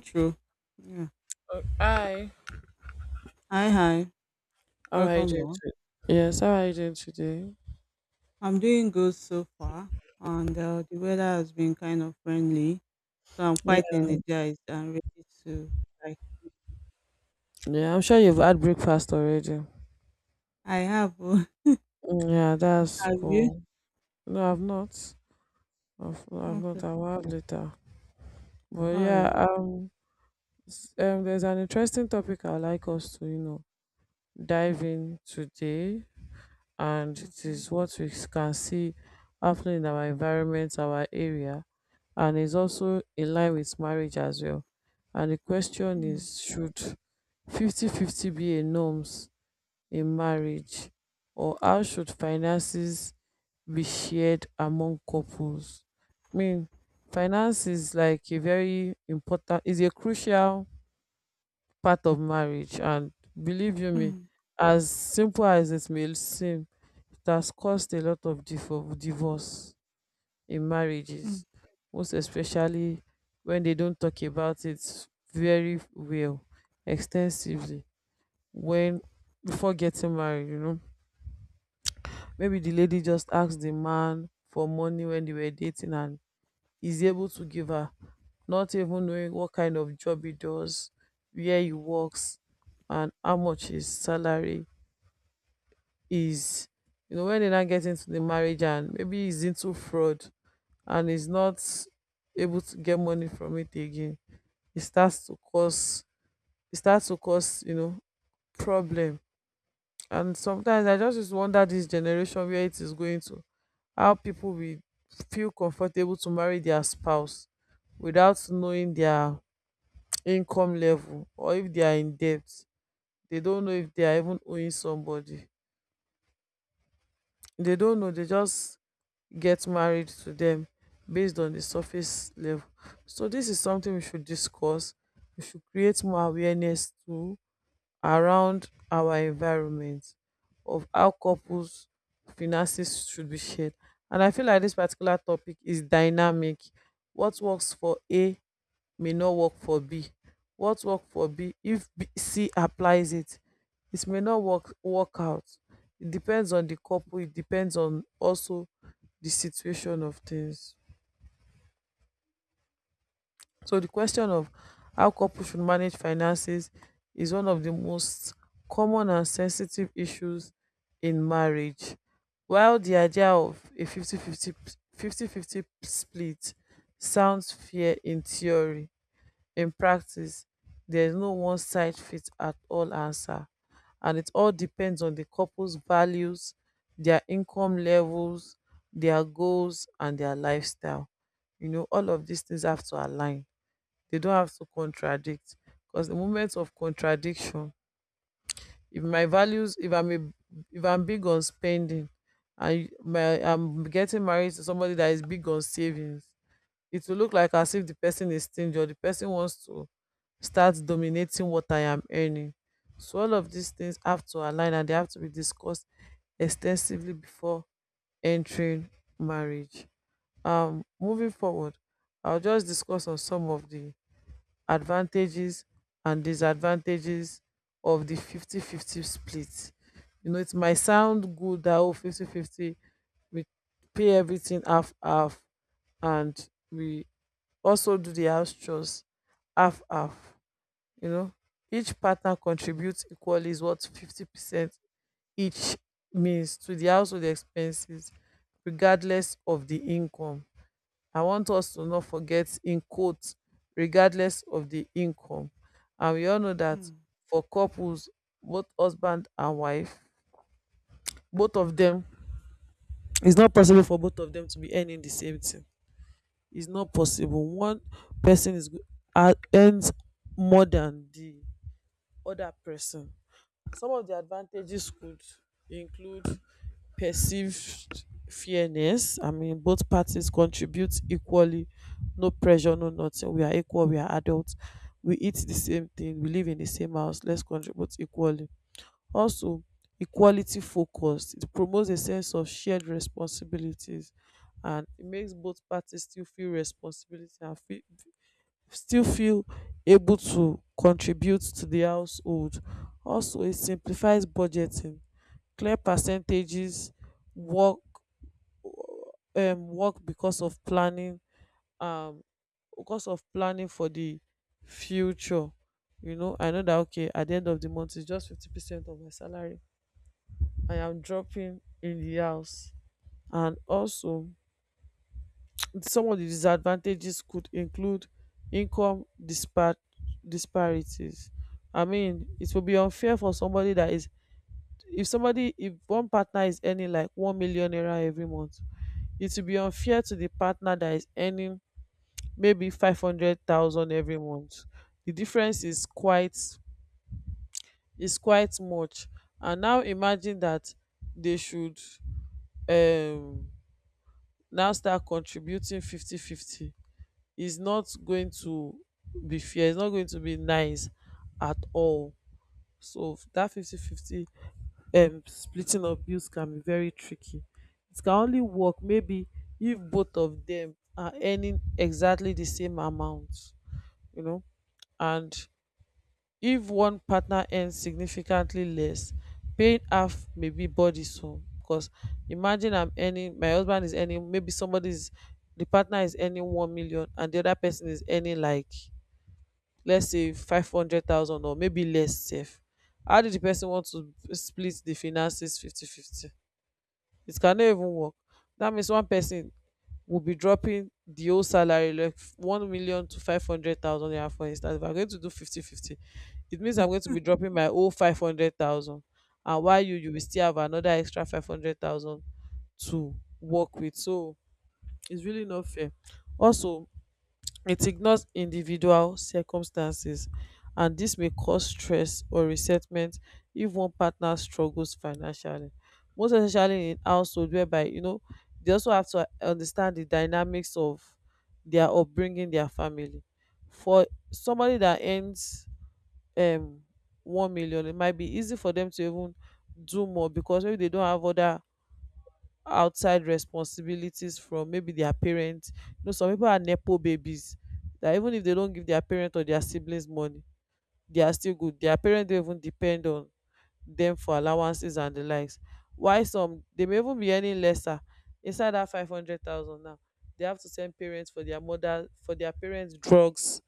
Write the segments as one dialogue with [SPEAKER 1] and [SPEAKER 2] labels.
[SPEAKER 1] True. Yeah.
[SPEAKER 2] Oh, hi.
[SPEAKER 1] Hi, hi.
[SPEAKER 2] How are you
[SPEAKER 1] Welcome
[SPEAKER 2] doing
[SPEAKER 1] back.
[SPEAKER 2] today? Yes, how are you doing today?
[SPEAKER 1] I'm doing good so far, and the weather has been kind of friendly, so I'm
[SPEAKER 2] Yeah.
[SPEAKER 1] quite energized and ready to like.
[SPEAKER 2] Yeah, I'm sure you've had breakfast already.
[SPEAKER 1] I have. Oh,
[SPEAKER 2] Mm, yeah, that's
[SPEAKER 1] have you?
[SPEAKER 2] cool. No, I've not. I've not.
[SPEAKER 1] Okay.
[SPEAKER 2] I will have later. But
[SPEAKER 1] All
[SPEAKER 2] yeah,
[SPEAKER 1] right.
[SPEAKER 2] there's an interesting topic I'd like us to dive in today, and it
[SPEAKER 1] Okay.
[SPEAKER 2] is what we can see happening in our environment, our area, and is also in line with marriage as well. And the question
[SPEAKER 1] Mm,
[SPEAKER 2] is, should 50-50 be a norms in marriage, or how should finances be shared among couples? I mean, finance is like a very important, is a crucial part of marriage. And believe you me,
[SPEAKER 1] mm,
[SPEAKER 2] as simple as it may seem, it has caused a lot of divorce in
[SPEAKER 1] mm,
[SPEAKER 2] marriages, most especially when they don't talk about it very well, extensively. When before getting married, you know. Maybe the lady just asked the man for money when they were dating and he's able to give her, not even knowing what kind of job he does, where he works, and how much his salary is. You know, when they now get into the marriage and maybe he's into fraud and he's not able to get money from it again, it starts to cause it starts to cause problem. And sometimes I just used to wonder this generation where it is going to, how people will feel comfortable to marry their spouse without knowing their income level or if they are in debt. They don't know if they are even owing somebody. They don't know, they just get married to them based on the surface level. So this is something we should discuss. We should create more awareness to around our environment of how couples finances should be shared. And I feel like this particular topic is dynamic. What works for A may not work for B. What work for B, if B, C applies it, it may not work out. It depends on the couple. It depends on also the situation of things. So the question of how couples should manage finances is one of the most common and sensitive issues in marriage. While the idea of a 50-50 split sounds fair in theory, in practice, there is no one size fits at all answer. And it all depends on the couple's values, their income levels, their goals, and their lifestyle. You know, all of these things have to align, they don't have to contradict, because the moment of contradiction, if my values if I'm big on spending, and my I'm getting married to somebody that is big on savings, it will look like as if the person is stingy or the person wants to start dominating what I am earning. So all of these things have to align, and they have to be discussed extensively before entering marriage. Moving forward, I'll just discuss on some of the advantages and disadvantages of the 50-50 split. You know, it might sound good that oh, 50 fifty, we pay everything half half, and we also do the house chores half half. You know, each partner contributes equally is what 50% each means to the household expenses regardless of the income. I want us to not forget, im quote, regardless of di income, and we all know dat,
[SPEAKER 1] mm.
[SPEAKER 2] for couples, both husband and wife, both of dem, it's not possible for both of dem to be earning the same thing. It's not possible. One person is ah, earns more than the other person. Some of the advantages could include perceived fairness. I mean, both parties contribute equally. No pressure, no nothing. We are equal. We are adults. We eat the same thing. We live in the same house. Let's contribute equally. Also, equality focused. It promotes a sense of shared responsibilities, and it makes both parties still feel responsibility and feel, still feel able to contribute to the household. Also, it simplifies budgeting. Clear percentages work work because of planning, um for the future. You know, I know that okay, at the end of the month, it's just 50% of my salary I am dropping in the house. And also, some of the disadvantages could include income disparities. I mean, it will be unfair for somebody that is, if one partner is earning like 1 million naira every month. It will be unfair to the partner that is earning maybe 500,000 every month. The difference is quite much. And now imagine that they should um now start contributing 50 50. It's not going to be fair, it's not going to be nice at all. So that 50 50, splitting of bills can be very tricky. It can only work maybe if both of them are earning exactly the same amount, you know. And if one partner earns significantly less, paying half may be burdensome. Because imagine I'm earning, my husband is earning, maybe somebody's, the partner is earning 1 million, and the other person is earning like, let's say 500,000 or maybe less. Safe. How did the person want to split the finances 50 50? It cannot even work. That means one person will be dropping the whole salary, like 1 million to 500,000 naira. For instance, if I'm going to do 50 50, it means I'm going to be dropping my whole 500,000, and while you will still have another extra 500,000 to work with. So it's really not fair. Also, it ignores individual circumstances, and this may cause stress or resentment if one partner struggles financially. Most especially in household whereby, you know, they also have to understand the dynamics of their upbringing, their family. For somebody that earns um 1 million, it might be easy for them to even do more because maybe they don't have other outside responsibilities from maybe their parents. You know, some people are nepo babies that even if they don't give their parent or their siblings money, they are still good. Their parents don't even depend on them for allowances and the likes. Why some they may even be earning lesser inside that 500,000 now. They have to send parents for their mother for their parents' drugs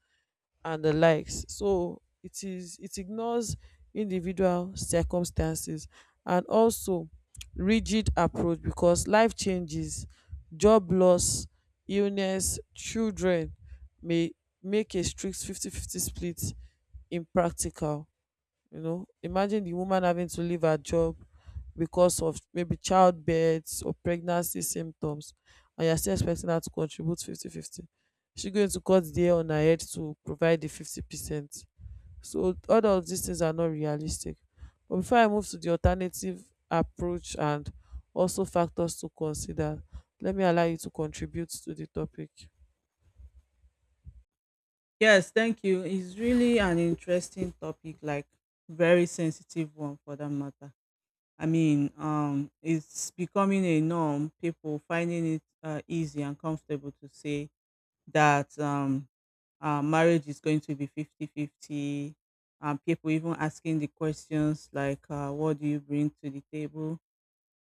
[SPEAKER 2] and the likes. So it is, it ignores individual circumstances. And also, rigid approach, because life changes, job loss, illness, children may make a strict 50-50 split impractical. You know, imagine the woman having to leave her job because of maybe childbirth or pregnancy symptoms, and you're still expecting her to contribute 50-50. She's going to cut the hair on her head to provide the 50%. So, all of these things are not realistic. But before I move to the alternative approach and also factors to consider, let me allow you to contribute to the topic.
[SPEAKER 1] Yes. Thank you. It's really an interesting topic, like very sensitive one for that matter. I mean, it's becoming a norm. People finding it easy and comfortable to say that marriage is going to be 50-50. People even asking the questions like, what do you bring to the table?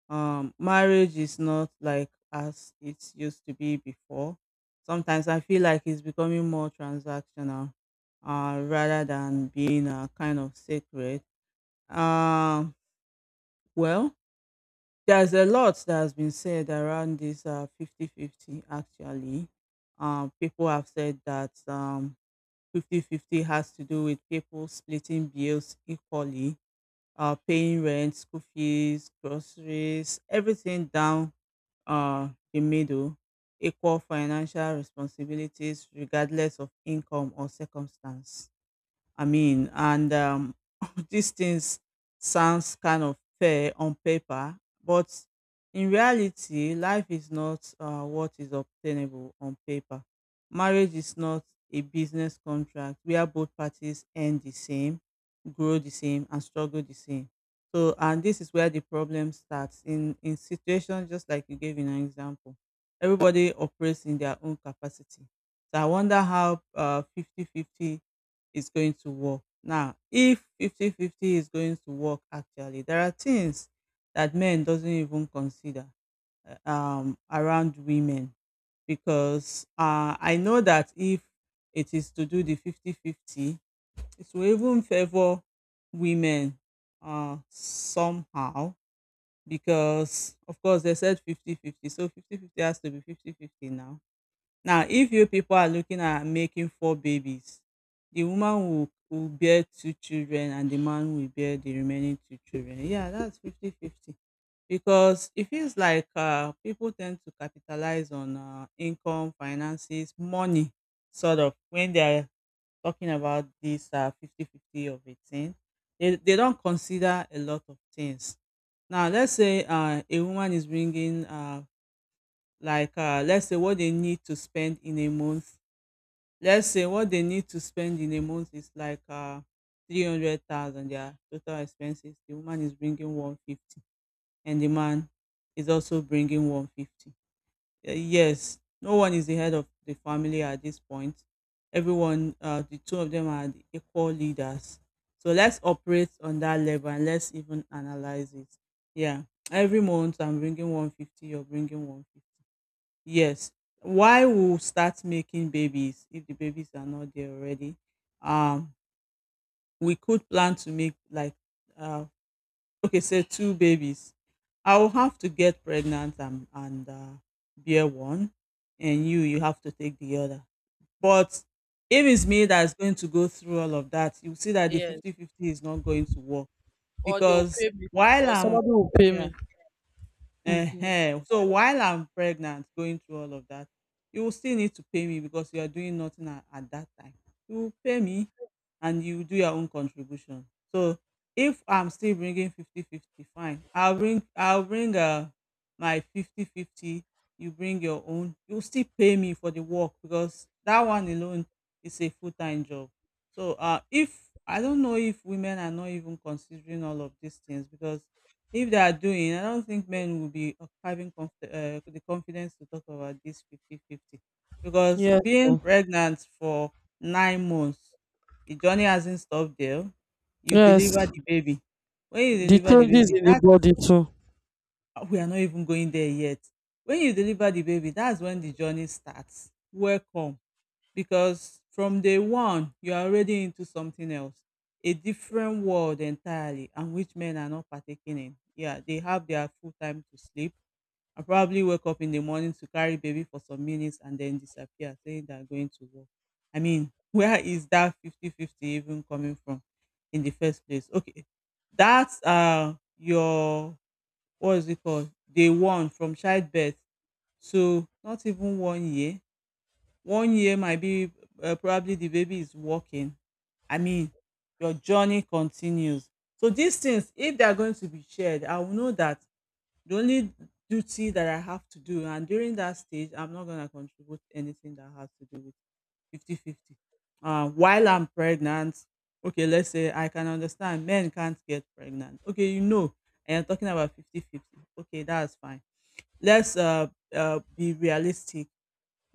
[SPEAKER 1] Marriage is not like as it used to be before. Sometimes I feel like it's becoming more transactional rather than being a kind of sacred. Um, well, there's a lot that has been said around this 50 fifty, actually. People have said that 50-50 has to do with people splitting bills equally, paying rent, school fees, groceries, everything down the middle, equal financial responsibilities regardless of income or circumstance. I mean, and these things sounds kind of fair on paper, but in reality, life is not what is obtainable on paper. Marriage is not a business contract where both parties earn the same, grow the same, and struggle the same. So, and this is where the problem starts in situations just like you gave in an example. Everybody operates in their own capacity. So I wonder how 50 fifty is going to work. Now, if 50-50 is going to work actually, there are things that men doesn't even consider around women because I know that if it is to do the 50-50, 50 it will even favor women somehow because, of course, they said 50-50, so 50-50 has to be 50-50 now. Now, if you people are looking at making four babies, the woman will bear two children and the man will bear the remaining two children. Yeah, that's 50-50. Because it feels like people tend to capitalize on income, finances, money, sort of, when they're talking about this 50 50 of a thing. They don't consider a lot of things. Now, let's say a woman is bringing, let's say what they need to spend in a month let's say what they need to spend in a month is like 300,000, their total expenses. The woman is bringing 150 and the man is also bringing 150. Yes, no one is the head of the family at this point. Everyone, the two of them, are the equal leaders, so let's operate on that level and let's even analyze it. Yeah, every month I'm bringing 150, you're bringing 150. Yes. Why we start making babies if the babies are not there already? Um, we could plan to make like uh, okay, say two babies. I will have to get pregnant and bear one, and you have to take the other. But if it's me that's going to go through all of that, you see that the
[SPEAKER 2] Yes.
[SPEAKER 1] 50-50 is not going to work
[SPEAKER 2] Or they will
[SPEAKER 1] because
[SPEAKER 2] pay me.
[SPEAKER 1] while
[SPEAKER 2] Or
[SPEAKER 1] I'm,
[SPEAKER 2] somebody will pay
[SPEAKER 1] yeah.
[SPEAKER 2] me.
[SPEAKER 1] Ehen. So while I'm pregnant going through all of that, you will still need to pay me because you are doing nothing at that time. You will pay me and you do your own contribution. So if I'm still bringing 50-50, fine. I'll bring my 50-50. You bring your own. You'll still pay me for the work because that one alone is a full-time job. So if I don't know if women are not even considering all of these things. Because if they are doing, I don't think men will be of having the confidence to talk about this 50-50, because
[SPEAKER 2] Yes.
[SPEAKER 1] being
[SPEAKER 2] Oh.
[SPEAKER 1] pregnant for 9 months, the journey hasn't stopped there. You
[SPEAKER 2] Yes.
[SPEAKER 1] deliver the baby. When you
[SPEAKER 2] The
[SPEAKER 1] deliver the
[SPEAKER 2] changes
[SPEAKER 1] baby,
[SPEAKER 2] in the
[SPEAKER 1] that's,
[SPEAKER 2] body too.
[SPEAKER 1] we are not even going there yet. When you deliver the baby, that's when the journey starts. Welcome, because from day one you're already into something else, a different world entirely, and which men are not partaking in. Yeah, they have their full time to sleep and probably wake up in the morning to carry baby for some minutes and then disappear saying they're going to work. I mean, where is that 50-50 even coming from in the first place? Okay, that's your, what is it called, day one from childbirth to not even one year. One year might be probably the baby is walking. I mean, your journey continues. So these things, if they are going to be shared, I will know that the only duty that I have to do, and during that stage, I'm not going to contribute anything that has to do with 50-50. While I'm pregnant, okay, let's say I can understand men can't get pregnant. Okay, and you're talking about 50-50. Okay, that's fine. Let's, be realistic.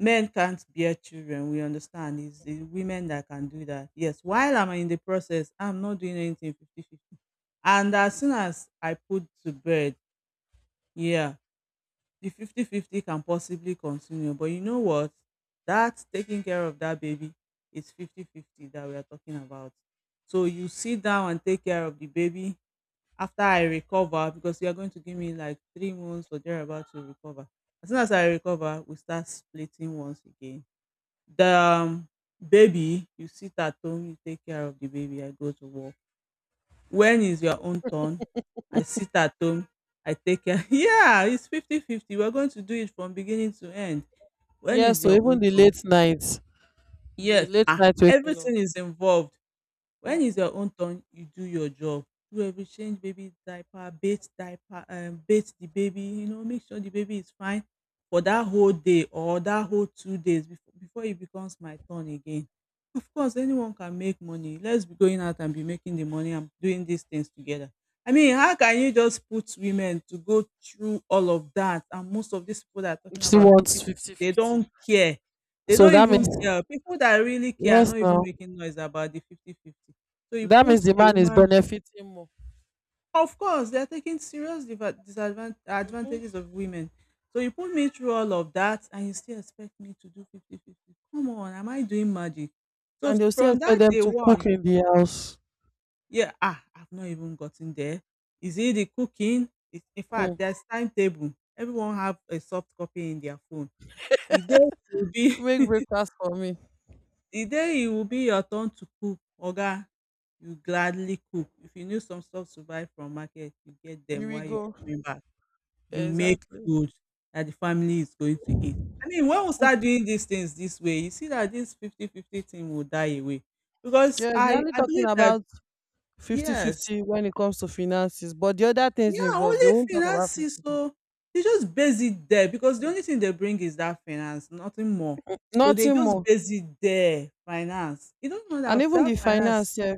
[SPEAKER 1] Men can't bear children, we understand. It's the women that can do that. Yes, while I'm in the process, I'm not doing anything 50-50. And as soon as I put to bed, yeah, the 50-50 can possibly continue. But you know what? That taking care of that baby is 50-50 that we are talking about. So you sit down and take care of the baby after I recover, because you are going to give me like 3 months or thereabout to recover. As soon as I recover, we start splitting once again the baby. You sit at home, you take care of the baby, I go to work. When is your own turn? I sit at home, I take care. Yeah, it's 50-50. We're going to do it from beginning to end. When
[SPEAKER 2] Yes,
[SPEAKER 1] is
[SPEAKER 2] so
[SPEAKER 1] your
[SPEAKER 2] even
[SPEAKER 1] own turn?
[SPEAKER 2] the
[SPEAKER 1] Yes,
[SPEAKER 2] late night waking up,
[SPEAKER 1] everything is involved. When it's
[SPEAKER 2] mm,
[SPEAKER 1] your own turn, you do your job. Do every change baby diaper, bath the baby, make sure the baby is fine for that whole day or that whole 2 days before it becomes my turn again. Of course, anyone can make money. Let's be going out and be making the money and doing these things together. I mean, how can you just put women to go through all of that? And most of these people that are talking
[SPEAKER 2] she
[SPEAKER 1] about 50
[SPEAKER 2] wants
[SPEAKER 1] 50, they
[SPEAKER 2] 50-50.
[SPEAKER 1] don't care. They
[SPEAKER 2] So
[SPEAKER 1] don't
[SPEAKER 2] that means,
[SPEAKER 1] even care. People that really care are
[SPEAKER 2] yes,
[SPEAKER 1] not even
[SPEAKER 2] now,
[SPEAKER 1] making noise about the 50 50. So you
[SPEAKER 2] that means
[SPEAKER 1] put
[SPEAKER 2] the
[SPEAKER 1] a
[SPEAKER 2] man is
[SPEAKER 1] woman,
[SPEAKER 2] benefiting more.
[SPEAKER 1] of course, they're taking serious diva disadvan
[SPEAKER 2] Mhm.
[SPEAKER 1] advantages of women. So you put me through all of that and you still expect me to do 50/50. Come on, am I doing magic? So
[SPEAKER 2] And they'll still
[SPEAKER 1] from that
[SPEAKER 2] expect them
[SPEAKER 1] day
[SPEAKER 2] to cook
[SPEAKER 1] 1,
[SPEAKER 2] in the house.
[SPEAKER 1] yeah, I've not even gotten there. Is it the cooking? It's, in fact,
[SPEAKER 2] Hmm.
[SPEAKER 1] there's timetable. Everyone have a soft copy in their phone. The day will be
[SPEAKER 2] Make breakfast for me.
[SPEAKER 1] The day e will be your turn to cook, oga, you gladly cook. If you need some stuff to buy from market, you get
[SPEAKER 2] Here
[SPEAKER 1] dem
[SPEAKER 2] we
[SPEAKER 1] while you're
[SPEAKER 2] go.
[SPEAKER 1] coming back. You make
[SPEAKER 2] Exactly.
[SPEAKER 1] food that the family is going to eat. I mean, when we start doing these things this way, you see that this 50/50 thing will die away. Because
[SPEAKER 2] Yes,
[SPEAKER 1] I
[SPEAKER 2] they're only
[SPEAKER 1] I
[SPEAKER 2] talking
[SPEAKER 1] believe that,
[SPEAKER 2] about
[SPEAKER 1] yes.
[SPEAKER 2] 50-50 when it comes to finances, but the other things
[SPEAKER 1] Yeah,
[SPEAKER 2] involved,
[SPEAKER 1] only
[SPEAKER 2] they won't talk about
[SPEAKER 1] finance
[SPEAKER 2] 50
[SPEAKER 1] is,
[SPEAKER 2] fifty.
[SPEAKER 1] so they just base it there because the only thing they bring is that finance, nothing more. So they
[SPEAKER 2] Nothing
[SPEAKER 1] just
[SPEAKER 2] more.
[SPEAKER 1] base it there, finance. You don't know
[SPEAKER 2] And
[SPEAKER 1] that
[SPEAKER 2] even
[SPEAKER 1] that
[SPEAKER 2] the
[SPEAKER 1] finance.
[SPEAKER 2] finance, yeah,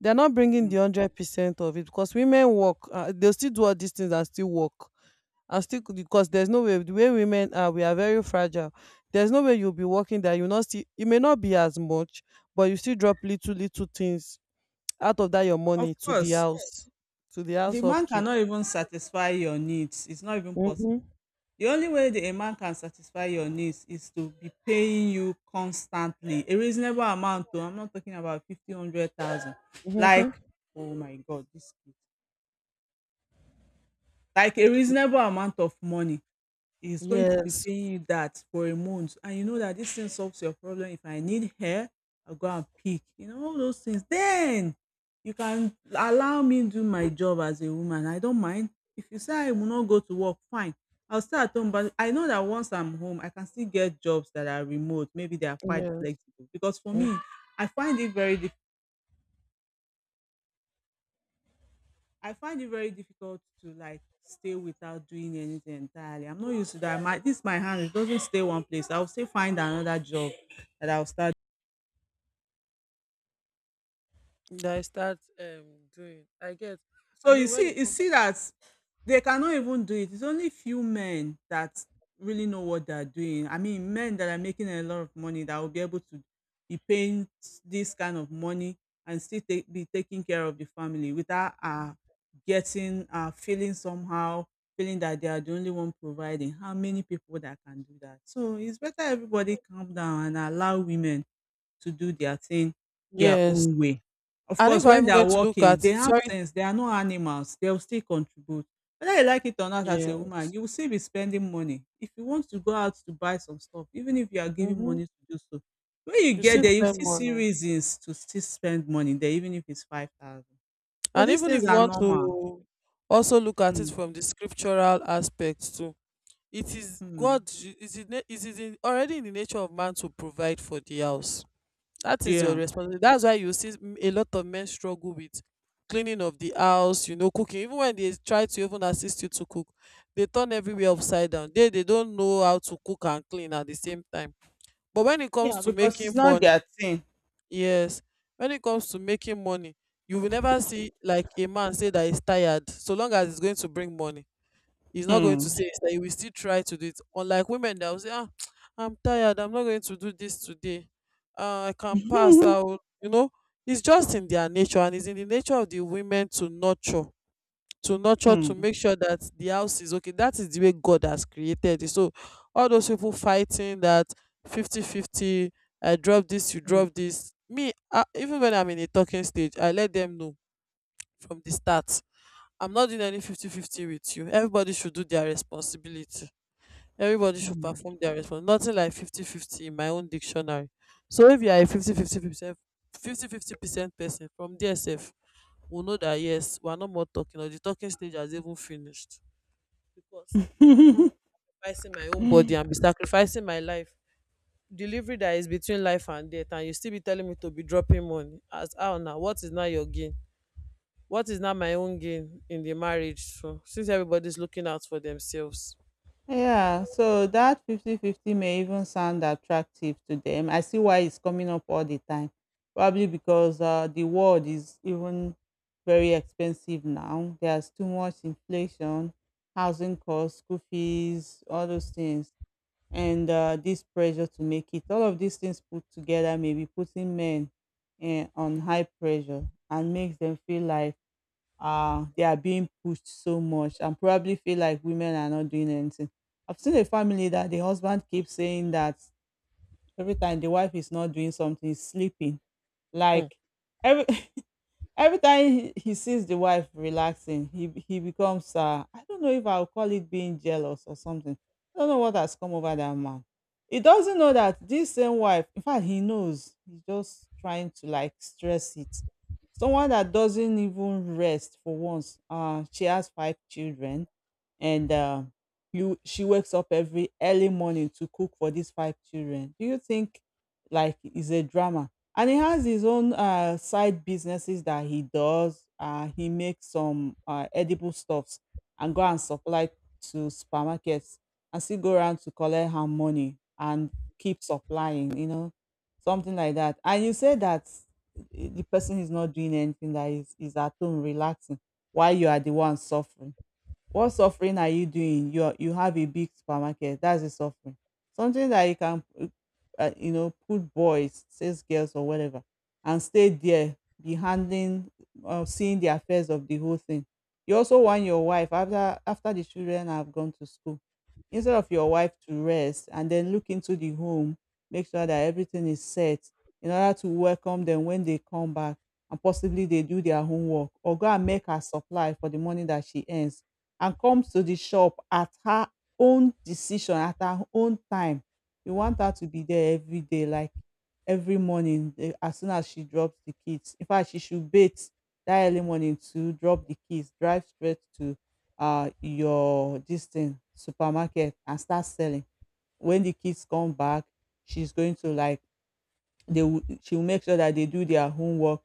[SPEAKER 2] they are not bringing the 100% of it because women work. They still do all these things and still work. And still, because there's no way, the way women are, we are very fragile. There's no way you'll be working that you not see. It may not be as much, but you still drop little little things out of that your
[SPEAKER 1] Of
[SPEAKER 2] money to the
[SPEAKER 1] course,
[SPEAKER 2] house, to the
[SPEAKER 1] the
[SPEAKER 2] house
[SPEAKER 1] man
[SPEAKER 2] upkeep.
[SPEAKER 1] cannot even satisfy your needs. It's not even possible.
[SPEAKER 2] Mm-hmm.
[SPEAKER 1] The only way that a man can satisfy your needs is to be paying you constantly a reasonable amount. Though I'm not talking about 50, 100,000. Like,
[SPEAKER 2] Mm-hmm.
[SPEAKER 1] oh my God, this kid. Like a reasonable amount of money is going to be
[SPEAKER 2] Yes.
[SPEAKER 1] paying you that for a month and you know that this thing solves your problem. If I need hair I'll go and pick, all those things. Then you can allow me do my job as a woman. I don't mind if you say I will not go to work. Fine, I'll stay at home. But I know that once I'm home I can still get jobs that are remote, maybe they are quite
[SPEAKER 2] Yes.
[SPEAKER 1] flexible, because for
[SPEAKER 2] Mm.
[SPEAKER 1] me I find it very difficult. I find it very difficult to like stay without doing anything entirely. I'm not used to that. My this my hand it doesn't stay one place. I'll still find another job that I'll start.
[SPEAKER 2] That I start doing, I get. I
[SPEAKER 1] So you
[SPEAKER 2] mean, when
[SPEAKER 1] see,
[SPEAKER 2] it
[SPEAKER 1] you
[SPEAKER 2] comes,
[SPEAKER 1] see that they cannot even do it. It's only few men that really know what they're doing. I mean, men that are making a lot of money that will be able to be paying this kind of money and still be taking care of the family without getting, feeling somehow, feeling that they are the only one providing. How many people that can do that? So it's better everybody calm down and allow women to do their thing their
[SPEAKER 2] yes.
[SPEAKER 1] own way. Of
[SPEAKER 2] And
[SPEAKER 1] course,
[SPEAKER 2] if I'm
[SPEAKER 1] when
[SPEAKER 2] even
[SPEAKER 1] they
[SPEAKER 2] going
[SPEAKER 1] are
[SPEAKER 2] to look
[SPEAKER 1] working,
[SPEAKER 2] at
[SPEAKER 1] they
[SPEAKER 2] it,
[SPEAKER 1] have
[SPEAKER 2] sorry.
[SPEAKER 1] sense. They are not animals. They will still contribute. Whether you like it or not, as
[SPEAKER 2] Yeah.
[SPEAKER 1] a woman, you will still be spending money. If you want to go out to buy some stuff, even if you are giving
[SPEAKER 2] Mm-hmm.
[SPEAKER 1] money to do so, when you
[SPEAKER 2] You
[SPEAKER 1] get
[SPEAKER 2] still
[SPEAKER 1] there, you
[SPEAKER 2] spend
[SPEAKER 1] still see
[SPEAKER 2] money.
[SPEAKER 1] reasons to still spend money there, even if it's 5,000. So
[SPEAKER 2] And
[SPEAKER 1] these
[SPEAKER 2] even
[SPEAKER 1] things
[SPEAKER 2] if you
[SPEAKER 1] are
[SPEAKER 2] want
[SPEAKER 1] normal.
[SPEAKER 2] to also look at it
[SPEAKER 1] Mm,
[SPEAKER 2] from the scriptural aspect too, it is
[SPEAKER 1] mm,
[SPEAKER 2] God, is it, it is in, already in the nature of man to provide for the house. That is your
[SPEAKER 1] yeah.
[SPEAKER 2] responsibility. That's why you see a lot of men struggle with cleaning of the house, you know, cooking. Even when they try to even assist you to cook, they turn everywhere
[SPEAKER 1] Mm.
[SPEAKER 2] upside down. They don't know how to cook and clean at the same time. But when it comes
[SPEAKER 1] Yeah,
[SPEAKER 2] to
[SPEAKER 1] because
[SPEAKER 2] making
[SPEAKER 1] it's not
[SPEAKER 2] money,
[SPEAKER 1] their thing.
[SPEAKER 2] yes, when it comes to making money, you will never see like a man say that he's tired, so long as he's going to bring money. He's not going to
[SPEAKER 1] Mm.
[SPEAKER 2] say that he will still try to do it. Unlike women that will say, ah, I'm tired, I'm not going to do this today. I can pass out. It's just in their nature, and it's in the nature of the women to nurture to
[SPEAKER 1] Mm,
[SPEAKER 2] make sure that the house is okay. That is the way God has created it. So all those people fighting that fifty-fifty. I drop this, you drop this, me, I, even when I'm in a talking stage, I let them know from the start, I'm not doing any fifty-fifty with you. Everybody should do their responsibility, everybody should
[SPEAKER 1] mm,
[SPEAKER 2] perform their response. Nothing like fifty-fifty in my own dictionary. So if you are a fifty-fifty percent person from DSF, will know that yes, we are no more talking, or the talking stage has even finished. Because I am
[SPEAKER 1] mm.
[SPEAKER 2] sacrificing my own body and be sacrificing my life. Delivery that is between life and death, and you still be telling me to be dropping money. As how now? What is now your gain? What is now my own gain in the marriage? So since everybody's looking out for themselves.
[SPEAKER 1] Yeah, so that 50-50 may even sound attractive to them. I see why it's coming up all the time. Probably because the world is even very expensive now. There's too much inflation, housing costs, school fees, all those things, and this pressure to make it. All of these things put together may be putting men on high pressure and makes them feel like they are being pushed so much and probably feel like women are not doing anything. I've seen a family that the husband keeps saying that every time the wife is not doing something, he's sleeping.
[SPEAKER 2] Hmm.
[SPEAKER 1] Like every every time he sees the wife relaxing, he becomes I don't know if I'll call it being jealous or something. I don't know what has come over that man. He doesn't know that this same wife, in fact, he knows. He's just trying to like stress it. Someone that doesn't even rest for once. She has five children, and you she wakes up every early morning to cook for these five children. Do you think like is a drama? And he has his own side businesses that he does. He makes some edible stuffs and go and supply to supermarkets and still go around to collect her money and keep supplying, something like that. And you say that the person is not doing anything that is at home relaxing while you are the one suffering. What suffering are you doing? You have a big supermarket. That's a suffering. Something that you can, put boys, says girls, or whatever, and stay there, be handling, seeing the affairs of the whole thing. You also want your wife after the children have gone to school, instead of your wife to rest and then look into the home, make sure that everything is set in order to welcome them when they come back and possibly they do their homework or go and make her supply for the money that she earns and comes to the shop at her own decision, at her own time. You want her to be there every day, like every morning, as soon as she drops the kids. In fact, she should bathe that early morning to drop the kids, drive straight to your this thing supermarket and start selling. When the kids come back, she's going to like she will make sure that they do their homework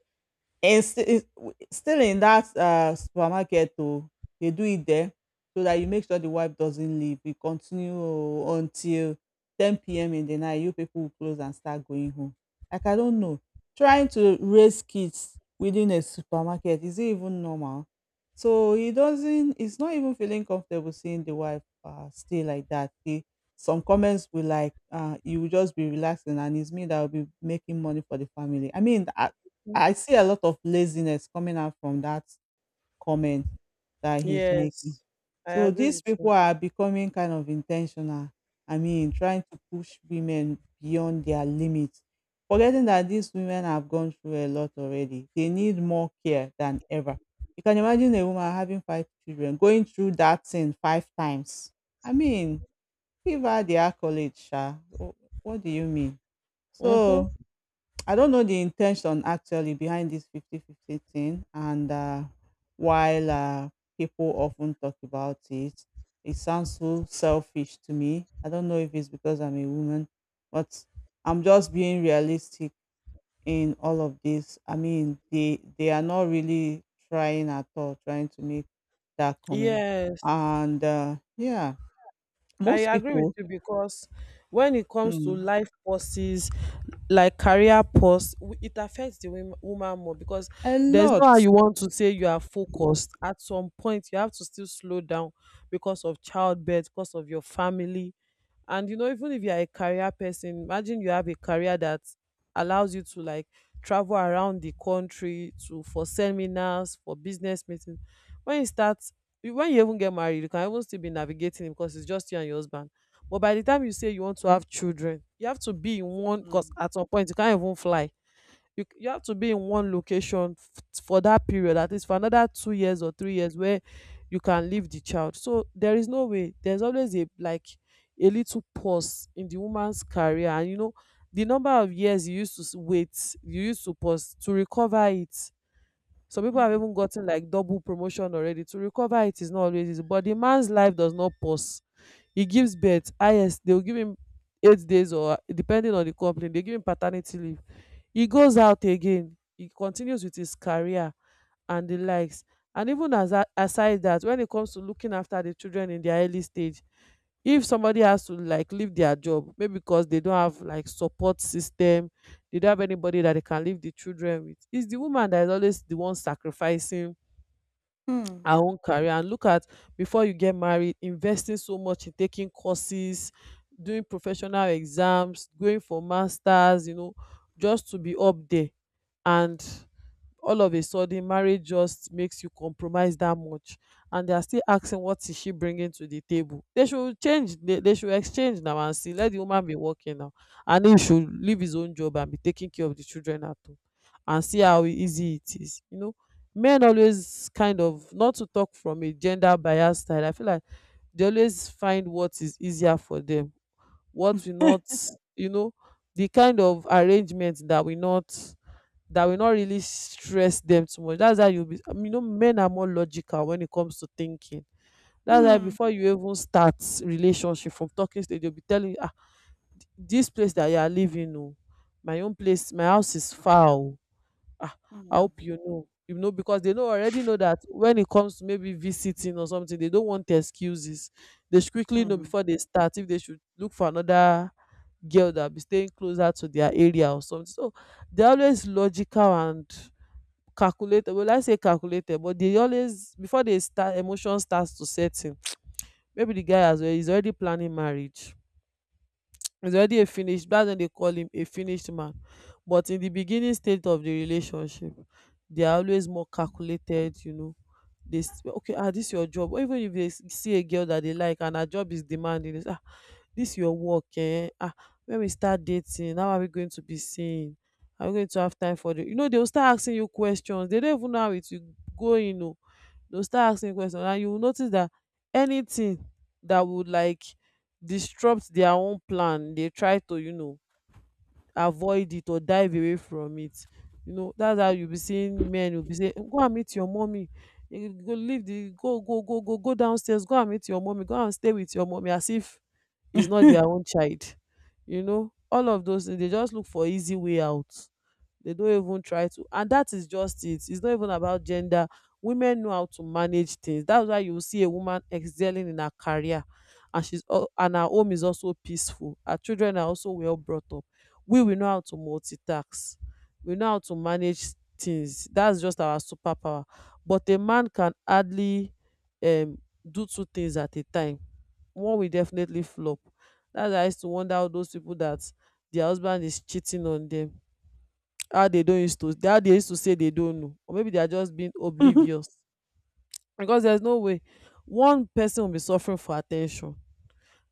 [SPEAKER 1] and still in that supermarket, oh, they do it there so that you make sure the wife doesn't leave. We continue oh, until 10 p.m. in the night. You people will close and start going home. Like, I don't know. Trying to raise kids within a supermarket, is it even normal? So he's not even feeling comfortable seeing the wife stay like that. Some comments will like, you will just be relaxing and it's me that will be making money for the family. I mean, I see a lot of laziness coming out from that comment that he's making.
[SPEAKER 2] Yes, I
[SPEAKER 1] So
[SPEAKER 2] agree
[SPEAKER 1] these
[SPEAKER 2] with
[SPEAKER 1] people
[SPEAKER 2] you.
[SPEAKER 1] are becoming kind of intentional. I mean, trying to push women beyond their limits, forgetting that these women have gone through a lot already. They need more care than ever. You can imagine a woman having five children going through that thing five times. I mean, give her the accolade, Sha. Wh- What do you mean? So
[SPEAKER 2] Mm-hmm.
[SPEAKER 1] I don't know the intention actually behind this 50-50 thing. And while people often talk about it, it sounds so selfish to me. I don't know if it's because I'm a woman, but I'm just being realistic in all of this. I mean, they are not really trying at all, trying to make that comment.
[SPEAKER 2] Yes.
[SPEAKER 1] And yeah,
[SPEAKER 2] I
[SPEAKER 1] most
[SPEAKER 2] agree with
[SPEAKER 1] people,
[SPEAKER 2] you because when it comes to
[SPEAKER 1] mm,
[SPEAKER 2] life pauses, like career pause, it affects the woman more because
[SPEAKER 1] a
[SPEAKER 2] there's no how
[SPEAKER 1] lot.
[SPEAKER 2] you want to say you are focused. At some point, you have to still slow down because of childbirth, because of your family. And you know, even if you are a career person, imagine you have a career that allows you to like travel around the country to for seminars, for business meetings. When you start when you even get married, you can even still be navigating him because it's just you and your husband. But by the time you say you want to have children, you have to be in one, because
[SPEAKER 1] Mm,
[SPEAKER 2] at some point you can't even fly, you, you have to be in one location for that period, at least for another 2 years or 3 years, where you can leave the child. So there is no way, there's always a, like, a little pause in the woman's career. And you know the number of years you used to s- wait you used to pause to recover it. Some people have
[SPEAKER 1] mm,
[SPEAKER 2] even gotten like double promotion already. To recover it is not always easy, but the man's life does not pause. He gives birth, ah, yes, they will give him 8 days, or depending on the company they give him paternity leave, he goes out again, he continues with his career and the likes. And even as aside that, when it comes to looking after the children in their early stage, if somebody has to like leave their job, maybe because they don't have like support system, they don't have anybody that they can leave the children with, it's the woman that is always the one sacrificing
[SPEAKER 1] mm,
[SPEAKER 2] our own career. And look at, before you get married, investing so much in taking courses, doing professional exams, going for masters, you know, just to be up there. And all of a sudden marriage just makes you compromise that much, and they are still asking what is she bringing to the table. They should change, they should exchange now and see. Let the woman be working now, and he should leave his own job and be taking care of the children at home, and see how easy it is. You know, men always kind of, not to talk from a gender bias side, I feel like they always find what is easier for them, what will not, you know, the kind of arrangement that will not, that will not really stress them too much. That's how you be. I mean, you know, men are more logical when it comes to thinking. That's why
[SPEAKER 1] mm,
[SPEAKER 2] before you even start relationship, from talking stage they'll be telling you, ah, this place that you are living, oh, my own place, my house is far, oh." Ah, I
[SPEAKER 1] mm,
[SPEAKER 2] hope you know. You know, because they know, already know, that when it comes to maybe visiting or something, they don't want excuses. They should quickly know
[SPEAKER 1] mm.
[SPEAKER 2] before they start if they should look for another girl that be staying closer to their area or something. So they're always logical and calculated. Well, I say calculated, but they always before they start, emotion starts to set in. Maybe the guy has is already planning marriage, he's already a finished, that's when they call him a finished man. But in the beginning state of the relationship, they are always more calculated, you know. They okay, ah, this your job, or even if they see a girl that they like and her job is demanding, they say, ah, this your work, eh, ah, when we start dating, how are we going to be seen? Are we going to have time for the, you know, they will start asking you questions. They don't even know how it will go, you know. They'll start asking questions, and you will notice that anything that would like disrupt their own plan, dey try to, you know, avoid it or dive away from it. You know, that's how you be seeing men will be saying, go and meet your mummy, you go leave the go go go go go downstairs, go and meet your mummy, go and stay with your mummy, as if it's not their own child. You know, all of those things, they just look for easy way out, they don't even try to. And that is just it. It's not even about gender. Women know how to manage things. That's why you will see a woman excelling in her career, and she's and her home is also peaceful, her children are also well brought up. We know how to multitask, we know how to manage things. That's just our superpower. But a man can hardly um do two things at a time, one will definitely flop. That's why I used to wonder how those people that their husband is cheating on them, how they don't used to, how they used to say they don't know, or maybe they are just being
[SPEAKER 1] Mhm.
[SPEAKER 2] oblivious. Because there's no way one person will be suffering for attention.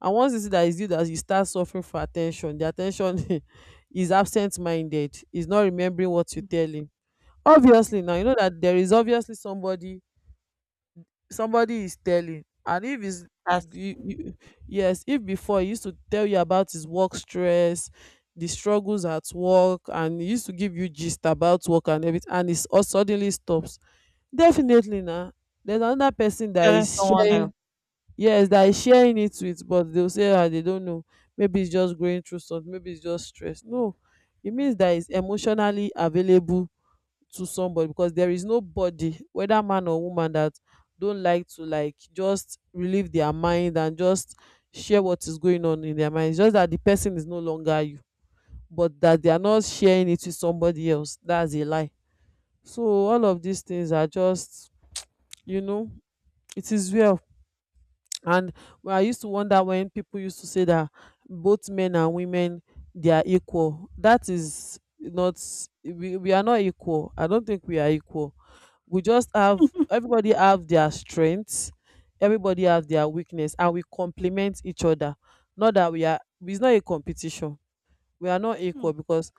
[SPEAKER 2] And once you see that it's you that you start suffering for attention, the attention is absent-minded, is not remembering what you
[SPEAKER 1] Mm,
[SPEAKER 2] tell him. Obviously
[SPEAKER 1] mm.
[SPEAKER 2] now you know that there is obviously somebody, somebody is telling. And if it's
[SPEAKER 1] As
[SPEAKER 2] yes, if before he used to tell you about his work stress, the struggles at work, and he used to give you gist about work and everything, and it all suddenly stops, definitely na, there's another person that
[SPEAKER 1] telling
[SPEAKER 2] is
[SPEAKER 1] someone else.
[SPEAKER 2] sharing. Yes, that is sharing it with. But they'll say, ah, they don't know, maybe it's just going through something, maybe it's just stress. No, it means that it's emotionally available to somebody. Because there is nobody, whether man or woman, that don't like to like just relieve their mind and just share what is going on in their mind. It's just that the person is no longer you. But that they are not sharing it with somebody else, that's a lie. So all of these things are just, you know, it is well. And, well, I used to wonder when people used to say that both men and women, they are equal. That is not. We are not equal. I don't think we are equal. We just have, everybody have their strengths, everybody have their weakness, and we complement each other. Not that we are, it's not a competition. We are not
[SPEAKER 1] Mm.
[SPEAKER 2] equal, because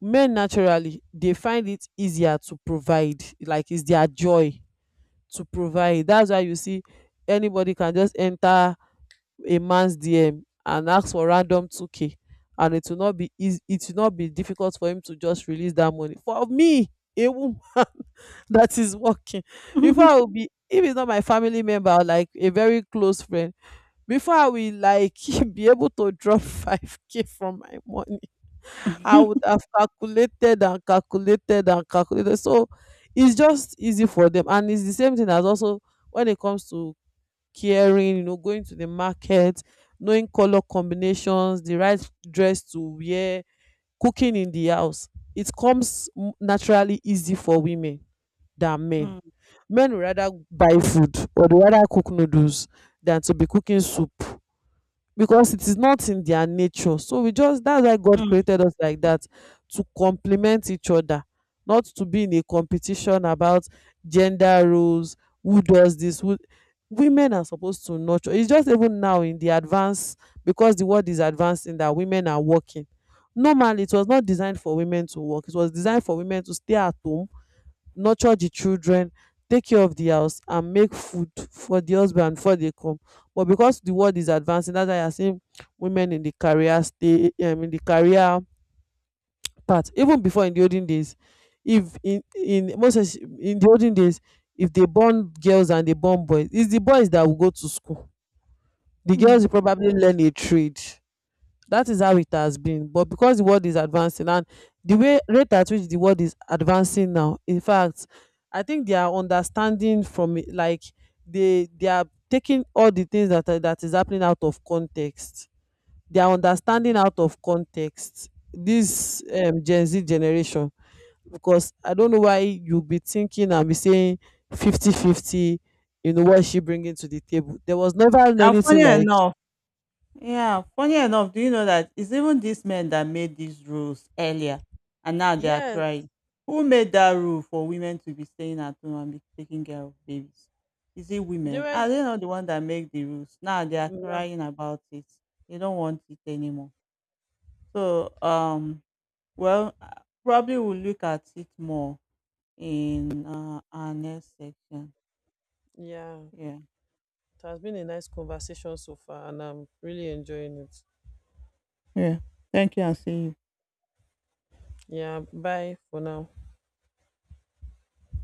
[SPEAKER 2] men naturally they find it easier to provide, like it's their joy to provide. That's why you see anybody can just enter a man's DM and ask for random 2k, and it will not be easy, it will not be difficult for him to just release that money. For me, a woman that is working, before I will be, if it's not my family member or like a very close friend, before I will like be able to drop 5k from my money, I would have calculated and calculated and calculated. So it's just easy for them. And it's the same thing as also when it comes to caring, you know, going to the market, knowing color combinations, the right dress to wear, cooking in the house. It comes naturally easy for women than men.
[SPEAKER 1] Mm,
[SPEAKER 2] Men would rather buy food, or they rather cook noodles than to be cooking soup. Because it is not in their nature. So we just, that's why God
[SPEAKER 1] mm.
[SPEAKER 2] created us like that, to complement each other, not to be in a competition about gender roles, who does this, who. Women are supposed to nurture. It's just even now in the advance, because the world is advancing, that women are working. Normally it was not designed for women to work, it was designed for women to stay at home, nurture the children, take care of the house, and make food for the husband before they come. But because the world is advancing, that's why you are seeing women in the career stay in the career path. Even before, in the olden days, if in most in the olden days, if they born girls and they born boys, it's the boys that will go to school. The girls
[SPEAKER 1] Mm.
[SPEAKER 2] will probably learn a trade. That is how it has been. But because the world is advancing, and the way, rate at which the world is advancing now, in fact, I think they are understanding from it, like they are taking all the things that are, that is happening out of context. They are understanding out of context this Gen Z generation. Because I don't know why you be thinking and be saying fifty-fifty 50. You know what is she bringing to the table. There was never
[SPEAKER 1] And funny
[SPEAKER 2] anything like,
[SPEAKER 1] enough Yeah, funny enough, do you know that it's even these men that made these rules earlier and now they are
[SPEAKER 2] yes,
[SPEAKER 1] crying. Who made that rule for women to be staying at home and be taking care of babies? Is it
[SPEAKER 2] they
[SPEAKER 1] women?
[SPEAKER 2] were,
[SPEAKER 1] Are they not the one that make the rules? Now they are
[SPEAKER 2] yeah.
[SPEAKER 1] crying about it. They don't want it anymore. So, well, probably we'll look at it more in our next section.
[SPEAKER 2] Yeah.
[SPEAKER 1] Yeah.
[SPEAKER 2] It has been a nice conversation so far, and I'm really enjoying it.
[SPEAKER 1] Yeah. Thank you and see you.
[SPEAKER 2] Yeah, bye for now.